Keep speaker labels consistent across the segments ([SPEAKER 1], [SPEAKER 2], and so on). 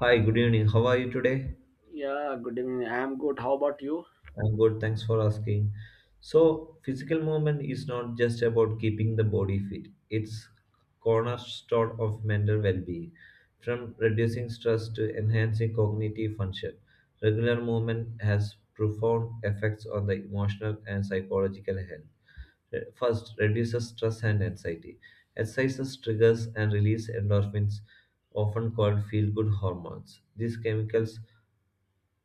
[SPEAKER 1] Hi, good evening. How are you today?
[SPEAKER 2] Yeah, good evening. I am good. How about you?
[SPEAKER 1] I'm good. Thanks for asking. So, physical movement is not just about keeping the body fit. It's cornerstone of mental well-being, from reducing stress to enhancing cognitive function. Regular movement has profound effects on the emotional and psychological health. First, reduces stress and anxiety. Exercises triggers and release endorphins, often called feel-good hormones. These chemicals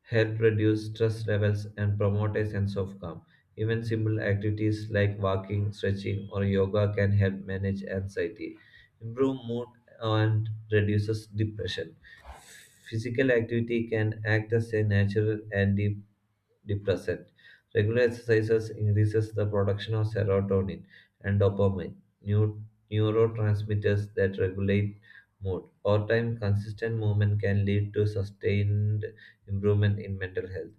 [SPEAKER 1] help reduce stress levels and promote a sense of calm. Even simple activities like walking, stretching, or yoga can help manage anxiety, improve mood, and reduces depression. Physical activity can act as a natural antidepressant. Regular exercises increases the production of serotonin and dopamine, new neurotransmitters that regulate mood. Over time, consistent movement can lead to sustained improvement in mental health,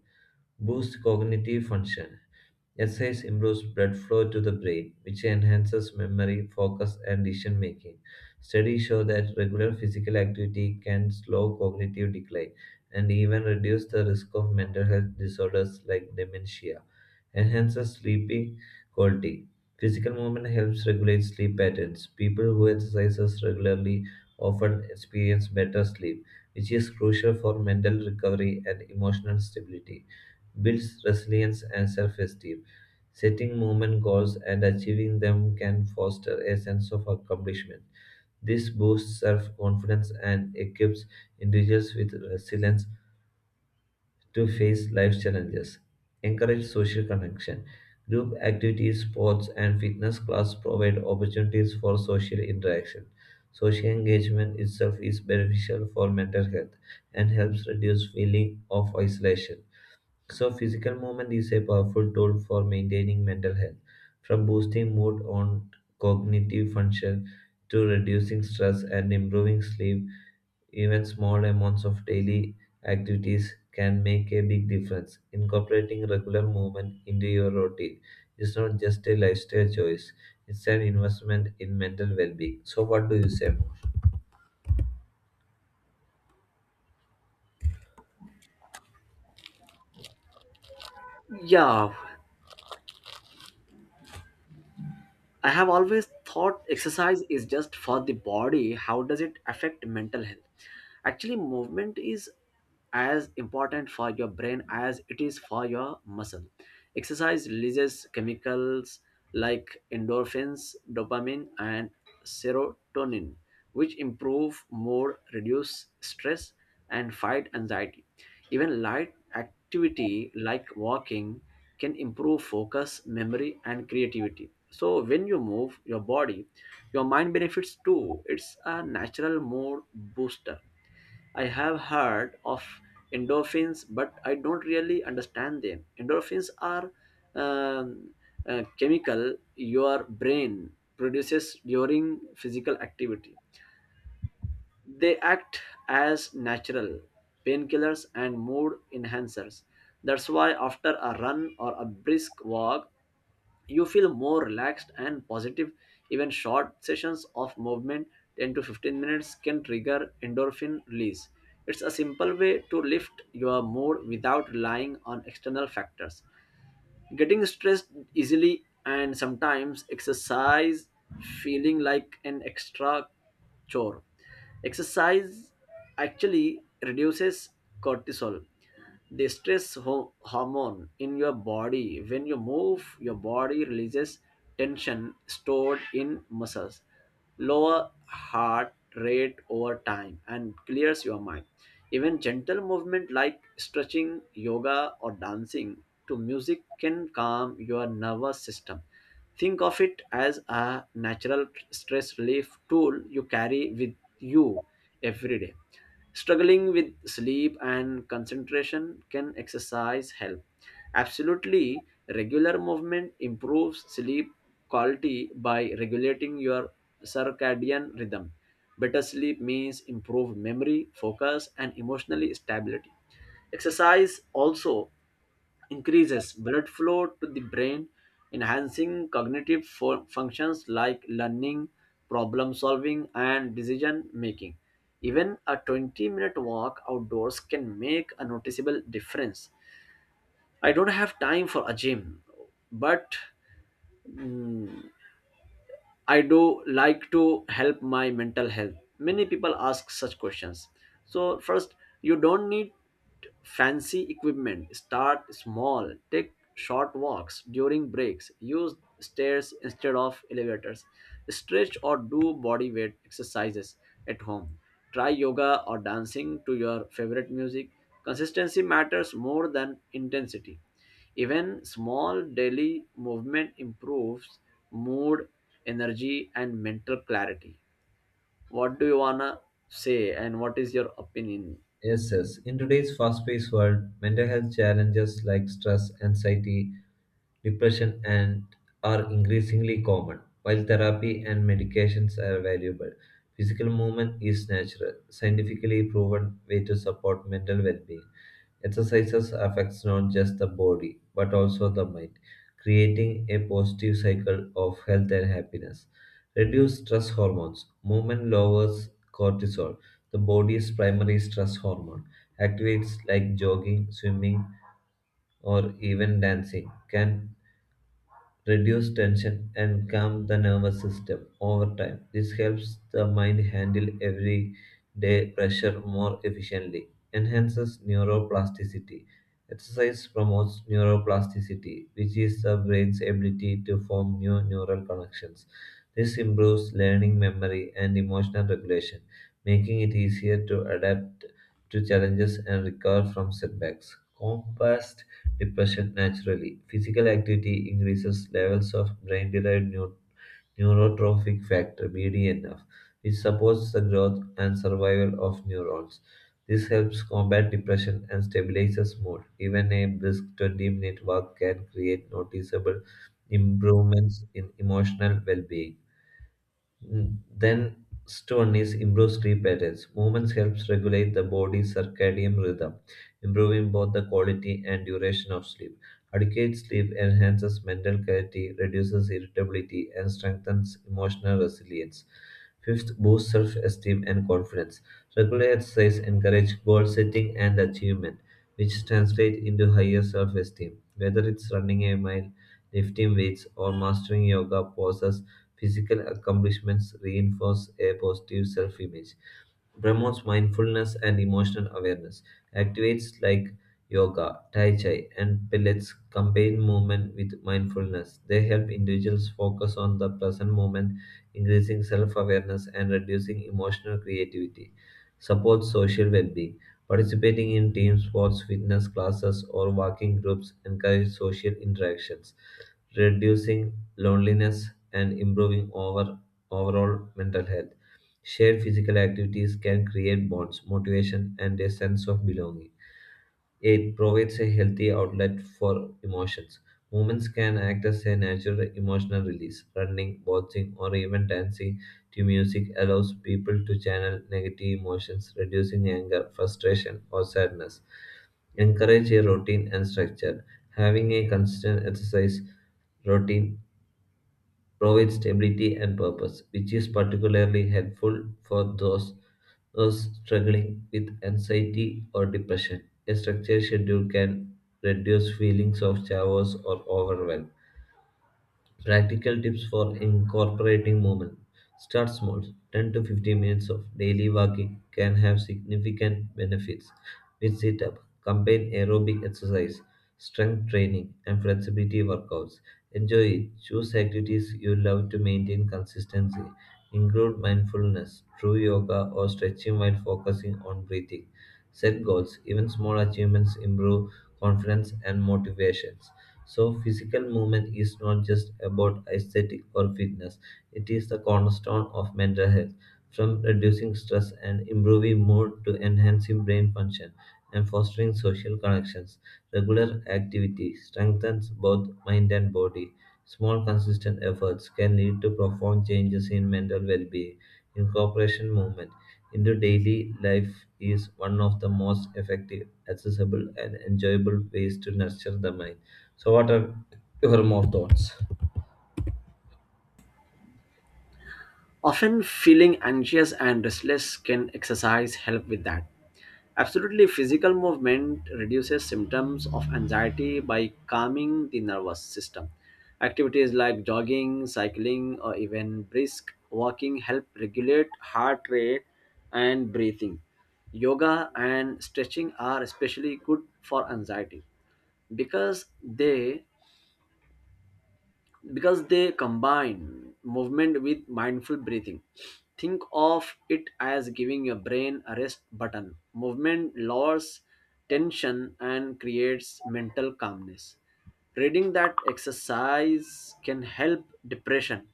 [SPEAKER 1] boost cognitive function. Exercise improves blood flow to the brain, which enhances memory, focus, and decision making. Studies show that regular physical activity can slow cognitive decline and even reduce the risk of mental health disorders like dementia. Enhances sleeping quality. Physical movement helps regulate sleep patterns. People who exercise regularly often experience better sleep, which is crucial for mental recovery and emotional stability. Builds resilience and self-esteem. Setting movement goals and achieving them can foster a sense of accomplishment. This boosts self confidence and equips individuals with resilience to face life challenges. Encourage social connection. Group activities, sports, and fitness class provide opportunities for social interaction. Social engagement itself is beneficial for mental health and helps reduce feeling of isolation. So, physical movement is a powerful tool for maintaining mental health, from boosting mood on cognitive function to reducing stress and improving sleep. Even small amounts of daily activities can make a big difference. Incorporating regular movement into your routine is not just a lifestyle choice, it's an investment in mental well being. So, what do you say more?
[SPEAKER 2] Yeah, I have always thought exercise is just for the body. How does it affect mental health? Actually, movement is as important for your brain as it is for your muscle. Exercise releases chemicals like endorphins, dopamine, and serotonin, which improve mood, reduce stress, and fight anxiety. Even light activity like walking can improve focus, memory, and creativity. So when you move your body, your mind benefits too. It's a natural mood booster. I have heard of endorphins, but I don't really understand them. Endorphins are um, a chemical your brain produces during physical activity. They act as natural painkillers and mood enhancers. That's why after a run or a brisk walk, you feel more relaxed and positive. Even short sessions of movement, 10 to 15 minutes, can trigger endorphin release. It's a simple way to lift your mood without relying on external factors. Getting stressed easily, and sometimes exercise feeling like an extra chore. Exercise actually reduces cortisol, the hormone in your body. When you move, your body releases tension stored in muscles, lower heart rate over time, and clears your mind. Even gentle movement like stretching, yoga, or dancing to music can calm your nervous system. Think of it as a natural stress relief tool you carry with you every day. Struggling with sleep and concentration, can exercise help? Absolutely, regular movement improves sleep quality by regulating your circadian rhythm. Better sleep means improved memory, focus, and emotional stability. Exercise also increases blood flow to the brain, enhancing functions like learning, problem solving, and decision making. Even a 20-minute walk outdoors can make a noticeable difference. I don't have time for a gym, but mm, I do like to help my mental health. Many people ask such questions. So, first, you don't need fancy equipment. Start small. Take short walks during breaks. Use stairs instead of elevators. Stretch or do body weight exercises at home. Try yoga or dancing to your favorite music. Consistency matters more than intensity. Even small daily movement improves mood, energy, and mental clarity. What do you wanna say, and what is your opinion?
[SPEAKER 1] Yes, yes. In today's fast paced world, mental health challenges like stress, anxiety, depression and are increasingly common. While therapy and medications are valuable, physical movement is natural, scientifically proven way to support mental well-being. Exercises affects not just the body but also the mind, creating a positive cycle of health and happiness. Reduce stress hormones. Movement lowers cortisol, the body's primary stress hormone. Activities like jogging, swimming, or even dancing can reduce tension, and calm the nervous system over time. This helps the mind handle everyday pressure more efficiently. Enhances neuroplasticity. Exercise promotes neuroplasticity, which is the brain's ability to form new neural connections. This improves learning memory and emotional regulation, making it easier to adapt to challenges and recover from setbacks. Combat depression naturally. Physical activity increases levels of brain derived neurotrophic factor BDNF, which supports the growth and survival of neurons. This helps combat depression and stabilizes mood. Even a brisk 20-minute walk can create noticeable improvements in emotional well being. Then stone is improves sleep patterns. Movement helps regulate the body's circadian rhythm, improving both the quality and duration of sleep. Adequate sleep enhances mental clarity, reduces irritability, and strengthens emotional resilience. Fifth, boosts self-esteem and confidence. Regular exercise encourages goal setting and achievement, which translate into higher self-esteem. Whether it's running a mile, lifting weights, or mastering yoga poses, physical accomplishments reinforce a positive self image. Promotes mindfulness and emotional awareness. Activities like yoga, tai chi, and pilates combine movement with mindfulness. They help individuals focus on the present moment, increasing self awareness and reducing emotional creativity. Supports social well being. Participating in team sports, fitness classes, or walking groups encourage social interactions reducing loneliness and improving overall mental health. Shared physical activities can create bonds, motivation, and a sense of belonging. It provides a healthy outlet for emotions. Movements can act as a natural emotional release. Running, boxing, or even dancing to music allows people to channel negative emotions, reducing anger, frustration, or sadness. Encourage a routine and structure. Having a consistent exercise routine provides stability and purpose, which is particularly helpful for those struggling with anxiety or depression. A structured schedule can reduce feelings of chaos or overwhelm. Practical tips for incorporating movement. Start small. 10 to 15 minutes of daily walking can have significant benefits. With sit up, combine aerobic exercise, strength training, and flexibility workouts. Enjoy it. Choose activities you love to maintain consistency. Include mindfulness, true yoga, or stretching while focusing on breathing. Set goals. Even small achievements improve confidence and motivations. So, physical movement is not just about aesthetic or fitness, it is the cornerstone of mental health. From reducing stress and improving mood to enhancing brain function and fostering social connections, regular activity strengthens both mind and body. Small, consistent efforts can lead to profound changes in mental well being. Incorporation movement into daily life is one of the most effective, accessible, and enjoyable ways to nurture the mind. So, what are your more thoughts?
[SPEAKER 2] Often feeling anxious and restless, can exercise help with that? Absolutely, physical movement reduces symptoms of anxiety by calming the nervous system. Activities like jogging, cycling, or even brisk walking help regulate heart rate and breathing. Yoga and stretching are especially good for anxiety because they because they combine movement with mindful breathing. Think of it as giving your brain a rest button. Movement lowers tension and creates mental calmness. Reading that exercise can help depression,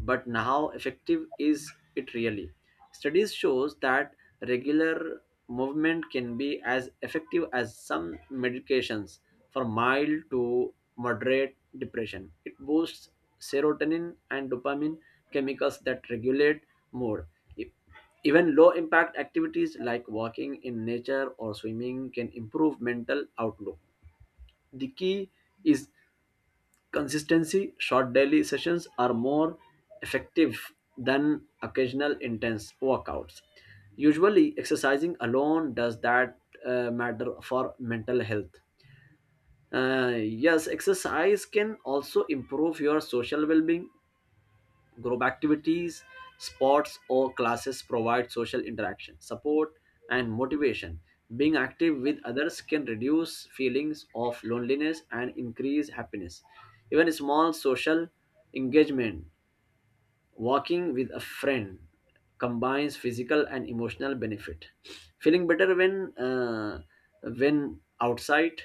[SPEAKER 2] but how effective is it really? Studies shows that regular movement can be as effective as some medications for mild to moderate depression. It boosts serotonin and dopamine, chemicals that regulate mood. E- Even low impact activities like walking in nature or swimming can improve mental outlook. The key is consistency. Short daily sessions are more effective than occasional intense workouts. Usually, exercising alone, does that matter for mental health? Yes, exercise can also improve your social well-being. Group activities, sports, or classes provide social interaction, support, and motivation. Being active with others can reduce feelings of loneliness and increase happiness. Even small social engagement, walking with a friend, combines physical and emotional benefit. Feeling better when outside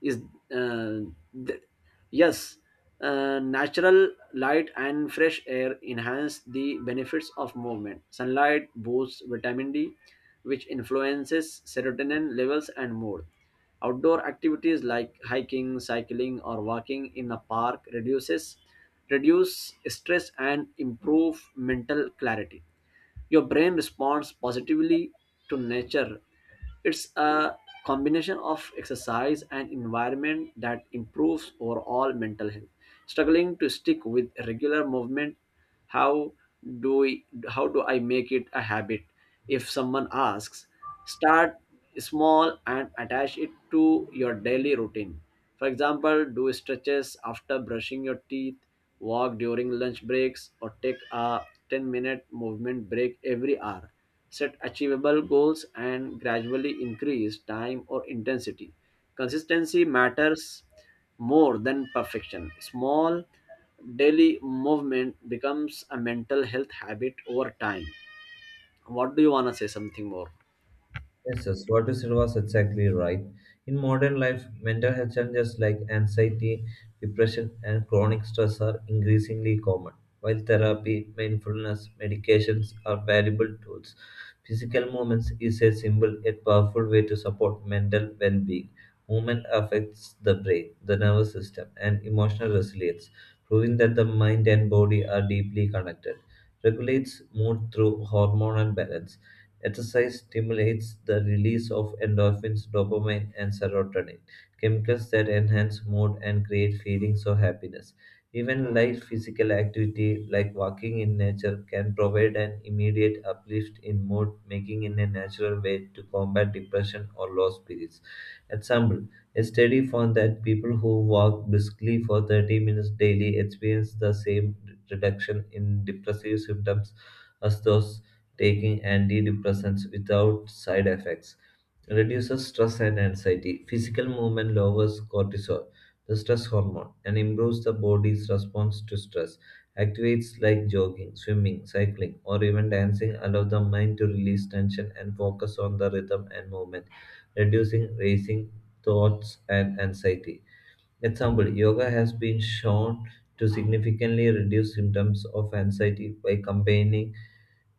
[SPEAKER 2] is uh, th- yes, natural light and fresh air enhance the benefits of movement. Sunlight boosts vitamin D, which influences serotonin levels and mood. Outdoor activities like hiking, cycling, or walking in a park reduce stress and improve mental clarity. Your brain responds positively to nature. It's a combination of exercise and environment that improves overall mental health. Struggling to stick with regular movement, how how do I make it a habit? If someone asks, start small and attach it to your daily routine. For example, do stretches after brushing your teeth, walk during lunch breaks, or take a 10-minute movement break every hour. Set achievable goals and gradually increase time or intensity. Consistency matters more than perfection. Small daily movement becomes a mental health habit over time. What do you want to say? Something more?
[SPEAKER 1] Yes, yes, what you said was exactly right. In modern life, mental health challenges like anxiety, depression, and chronic stress are increasingly common. While therapy, mindfulness, medications are valuable tools, physical movements is a simple yet powerful way to support mental well being. Movement affects the brain, the nervous system, and emotional resilience, proving that the mind and body are deeply connected. Regulates mood through hormonal balance. Exercise stimulates the release of endorphins, dopamine, and serotonin, chemicals that enhance mood and create feelings of happiness. Even light physical activity like walking in nature can provide an immediate uplift in mood, making it a natural way to combat depression or low spirits. Example: a study found that people who walk briskly for 30 minutes daily experience the same reduction in depressive symptoms as those taking antidepressants without side effects. Reduces stress and anxiety. Physical movement lowers cortisol, the stress hormone, and improves the body's response to stress. Activities like jogging, swimming, cycling, or even dancing allow the mind to release tension and focus on the rhythm and movement reducing racing thoughts and anxiety. Example, yoga has been shown to significantly reduce symptoms of anxiety by combining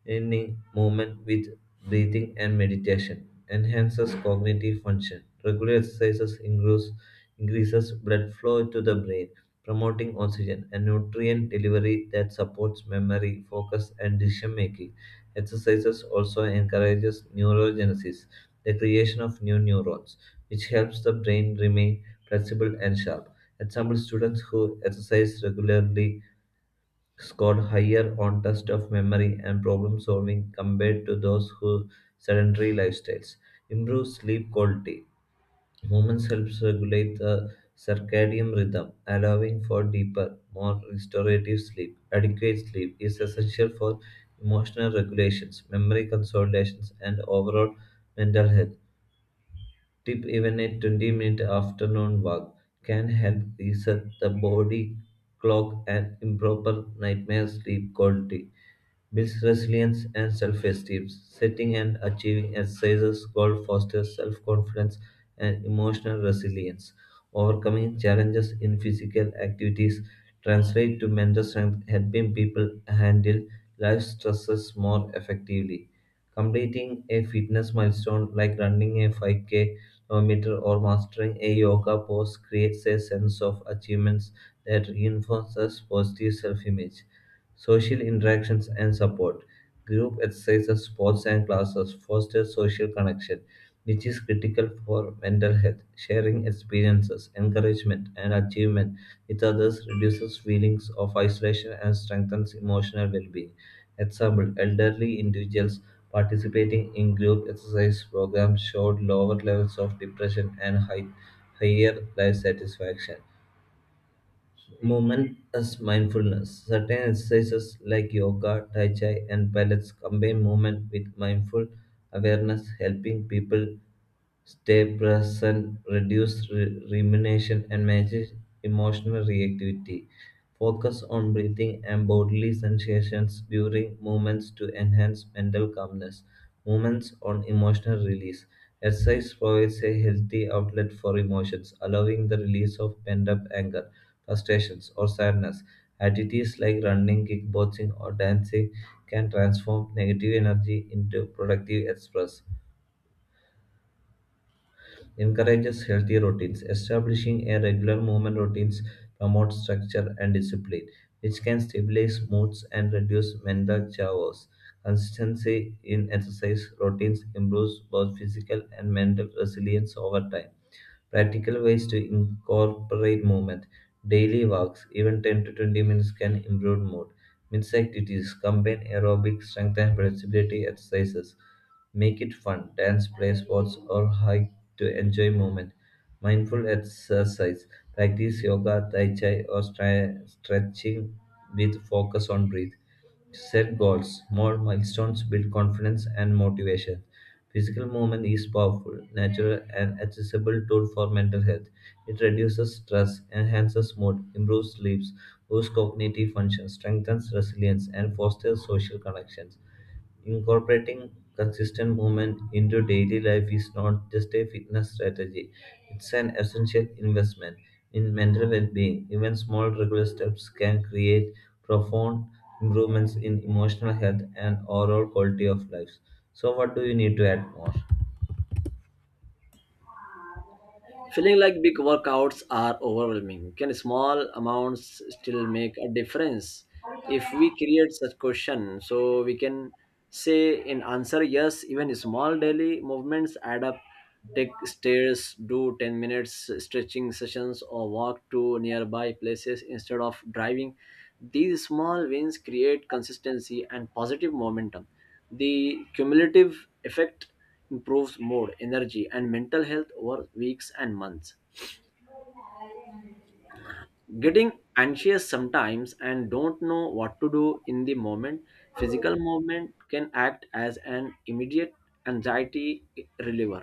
[SPEAKER 1] ending movement with breathing and meditation. Enhances cognitive function. Regular exercises increases blood flow to the brain, promoting oxygen and nutrient delivery that supports memory, focus, and decision making. Exercises also encourages neurogenesis, the creation of new neurons, which helps the brain remain flexible and sharp. Example: students who exercise regularly scored higher on tests of memory and problem solving compared to those who sedentary lifestyles. Improved sleep quality. Movement helps regulate the circadian rhythm, allowing for deeper, more restorative sleep. Adequate sleep is essential for emotional regulations, memory consolidations, and overall mental health. Tip: even a 20-minute afternoon walk can help reset the body clock and improve nightmare sleep quality. Builds resilience and self esteem. Setting and achieving exercises goal fosters self confidence and emotional resilience. Overcoming challenges in physical activities translate to mental strength, helping people handle life stresses more effectively. Completing a fitness milestone like running a 5K kilometer or mastering a yoga pose creates a sense of achievements that reinforces positive self-image. Social interactions and support. Group exercises, sports and classes foster social connection, which is critical for mental health. Sharing experiences, encouragement, and achievement with others reduces feelings of isolation and strengthens emotional well-being. Example: elderly individuals participating in group exercise programs showed lower levels of depression and higher life satisfaction. Movement as mindfulness. Certain exercises like yoga, tai chi, and pilates combine movement with mindful awareness, helping people stay present, reduce rumination, and manage emotional reactivity. Focus on breathing and bodily sensations during movements to enhance mental calmness. Movements on emotional release. Exercise provides a healthy outlet for emotions, allowing the release of pent up anger, frustrations, or sadness. Activities like running, kickboxing, or dancing can transform negative energy into productive express. Encourages healthy routines. Establishing a regular movement routines promotes structure and discipline, which can stabilize moods and reduce mental chaos. Consistency in exercise routines improves both physical and mental resilience over time. Practical ways to incorporate movement, daily walks, even 10 to 20 minutes can improve mood. Mix activities, combine aerobic strength and flexibility exercises. Make it fun, dance, play sports, or hike to enjoy movement. Mindful exercise, practice yoga, tai chi, or stretching with focus on breath. Set goals, small milestones build confidence and motivation. Physical movement is powerful, natural, and accessible tool for mental health. It reduces stress, enhances mood, improves sleep, boosts cognitive function, strengthens resilience, and fosters social connections. Incorporating consistent movement into daily life is not just a fitness strategy, it's an essential investment in mental well being. Even small regular steps can create profound improvements in emotional health and overall quality of life. So, what do you need to add more?
[SPEAKER 2] Feeling like big workouts are overwhelming. Can small amounts still make a difference? If we create such question, so we can say in answer, yes, even small daily movements add up. Take stairs, do 10 minutes stretching sessions, or walk to nearby places instead of driving. These small wins create consistency and positive momentum. The cumulative effect improves mood, energy, and mental health over weeks and months. Getting anxious sometimes and don't know what to do in the moment, physical movement can act as an immediate anxiety reliever.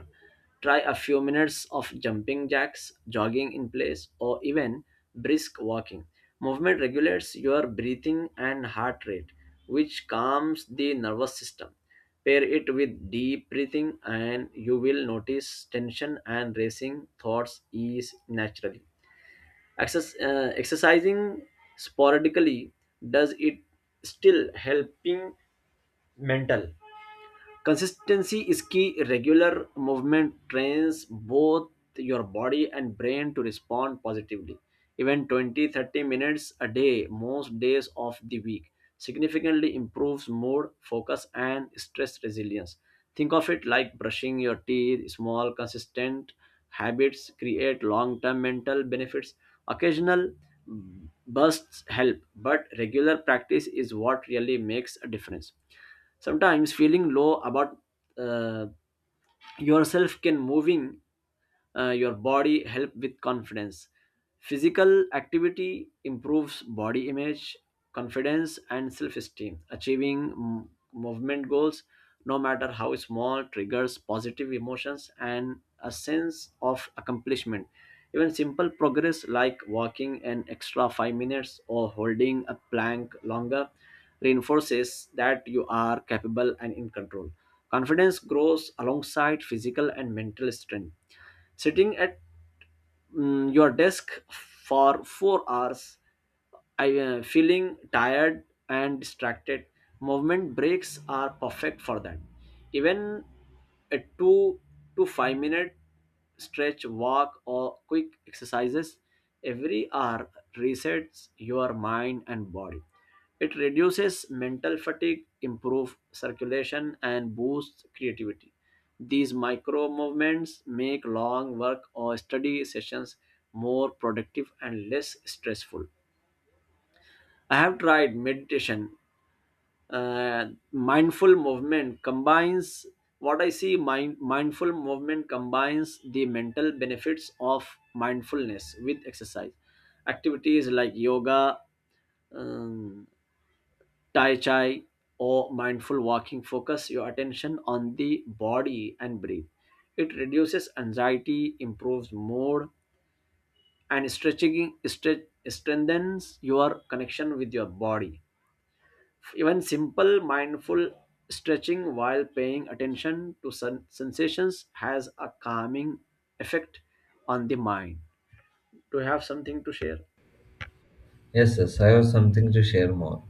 [SPEAKER 2] Try a few minutes of jumping jacks, jogging in place, or even brisk walking. Movement regulates your breathing and heart rate, which calms the nervous system. Pair it with deep breathing and you will notice tension and racing thoughts ease naturally. Access, exercising sporadically, does it still helping mental? Consistency is key. Regular movement trains both your body and brain to respond positively. Even 20 30 minutes a day, most days of the week, significantly improves mood, focus, and stress resilience. Think of it like brushing your teeth. Small, consistent habits create long term mental benefits. Occasional bursts help, but regular practice is what really makes a difference. Sometimes feeling low about uh, yourself, can moving your body help with confidence? Physical activity improves body image, confidence, and self-esteem. Achieving movement goals, no matter how small, triggers positive emotions and a sense of accomplishment. Even simple progress like walking an extra 5 minutes or holding a plank longer reinforces that you are capable and in control. Confidence grows alongside physical and mental strength. Sitting at your desk for 4 hours, I feeling tired and distracted. Movement breaks are perfect for that. Even a 2 to 5 minute stretch, walk, or quick exercises every hour resets your mind and body. It reduces mental fatigue, improves circulation, and boosts creativity. These micro movements make long work or study sessions more productive and less stressful. I have tried meditation. Mindful movement combines what I see. Mindful movement combines the mental benefits of mindfulness with exercise. Activities like yoga, um, tai chi, or mindful walking. Focus your attention on the body and breathe. It reduces anxiety, improves mood, and strengthens your connection with your body. Even simple mindful stretching while paying attention to sensations has a calming effect on the mind. Do you have something to share?
[SPEAKER 1] Yes, yes, I have something to share more.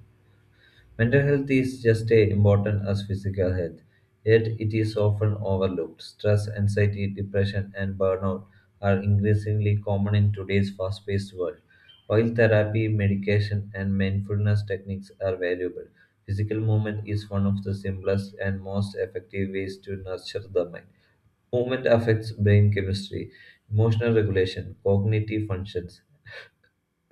[SPEAKER 1] Mental health is just as important as physical health, yet it is often overlooked. Stress, anxiety, depression, and burnout are increasingly common in today's fast paced world. While therapy, medication, and mindfulness techniques are valuable, physical movement is one of the simplest and most effective ways to nurture the mind. Movement affects brain chemistry, emotional regulation, cognitive functions,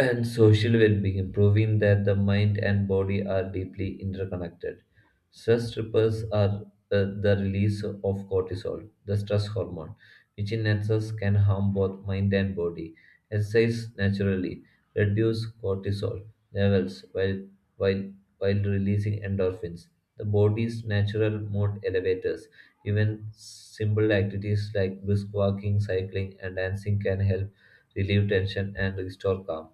[SPEAKER 1] and social well-being, proving that the mind and body are deeply interconnected. Stress ripples are the release of cortisol, the stress hormone, which in excess can harm both mind and body. Exercise naturally reduce cortisol levels while while releasing endorphins. The body's natural mood elevators. Even simple activities like brisk walking, cycling, and dancing can help relieve tension and restore calm.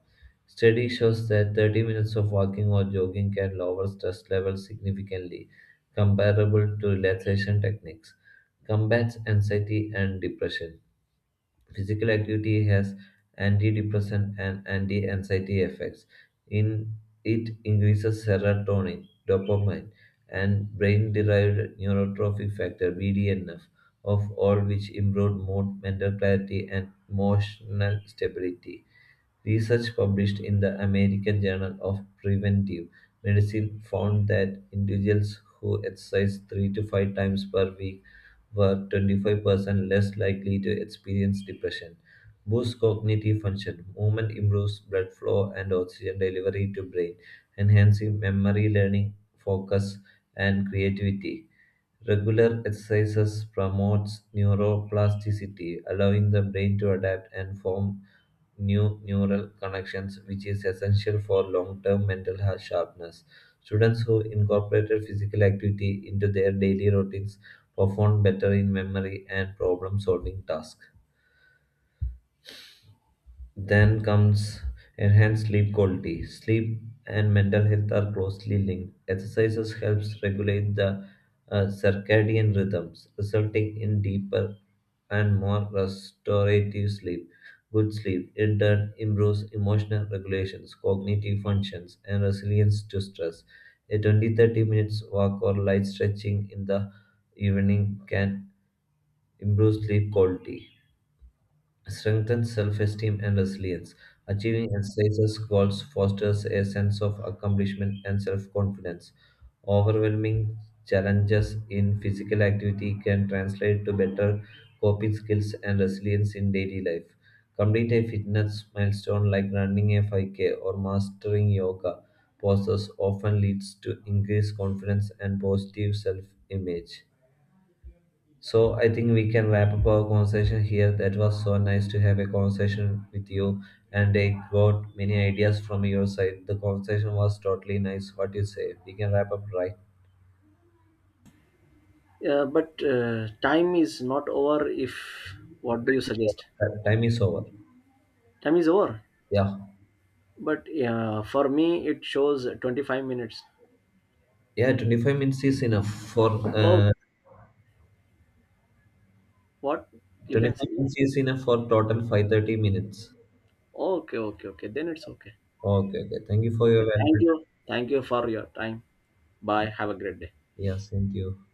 [SPEAKER 1] Study shows that 30 minutes of walking or jogging can lower stress levels significantly, comparable to relaxation techniques, combats anxiety and depression. Physical activity has antidepressant and anti-anxiety effects. In it increases serotonin, dopamine, and brain-derived neurotrophic factor (BDNF), of all which improve mood, mental clarity, and emotional stability. Research published in the American Journal of Preventive Medicine found that individuals who exercise three to five times per week were 25% less likely to experience depression. Boosts cognitive function. Movement improves blood flow and oxygen delivery to brain, enhancing memory, learning, focus, and creativity. Regular exercises promotes neuroplasticity, allowing the brain to adapt and form new neural connections, which is essential for long-term mental health sharpness. Students who incorporated physical activity into their daily routines performed better in memory and problem-solving tasks. Then comes enhanced sleep quality. Sleep and mental health are closely linked. Exercises helps regulate the circadian rhythms, resulting in deeper and more restorative sleep. Good sleep in turn improves emotional regulations, cognitive functions, and resilience to stress. A 20-30 minutes walk or light stretching in the evening can improve sleep quality. Strengthens self-esteem and resilience. Achieving exercises goals fosters a sense of accomplishment and self-confidence. Overwhelming challenges in physical activity can translate to better coping skills and resilience in daily life. Complete a fitness milestone like running a 5K or mastering yoga poses often leads to increased confidence and positive self-image. So I think we can wrap up our conversation here. That was so nice to have a conversation with you, and I got many ideas from your side. The conversation was totally nice. What you say? We can wrap up right.
[SPEAKER 2] Yeah, but time is not over. If what do you suggest?
[SPEAKER 1] Time is over.
[SPEAKER 2] Time is over.
[SPEAKER 1] Yeah,
[SPEAKER 2] But yeah, for me it shows 25 minutes.
[SPEAKER 1] yeah. 25 minutes is enough for
[SPEAKER 2] Oh,
[SPEAKER 1] uh,
[SPEAKER 2] what? You can
[SPEAKER 1] twenty-five
[SPEAKER 2] say yeah.
[SPEAKER 1] minutes is enough for total 5 30 minutes.
[SPEAKER 2] Okay, okay, okay. Then it's okay.
[SPEAKER 1] Okay, okay. Thank you for your
[SPEAKER 2] Okay. Thank
[SPEAKER 1] valuable
[SPEAKER 2] you. Thank you for your time. Bye.
[SPEAKER 1] time.
[SPEAKER 2] Have a great day.
[SPEAKER 1] Yeah, same to you.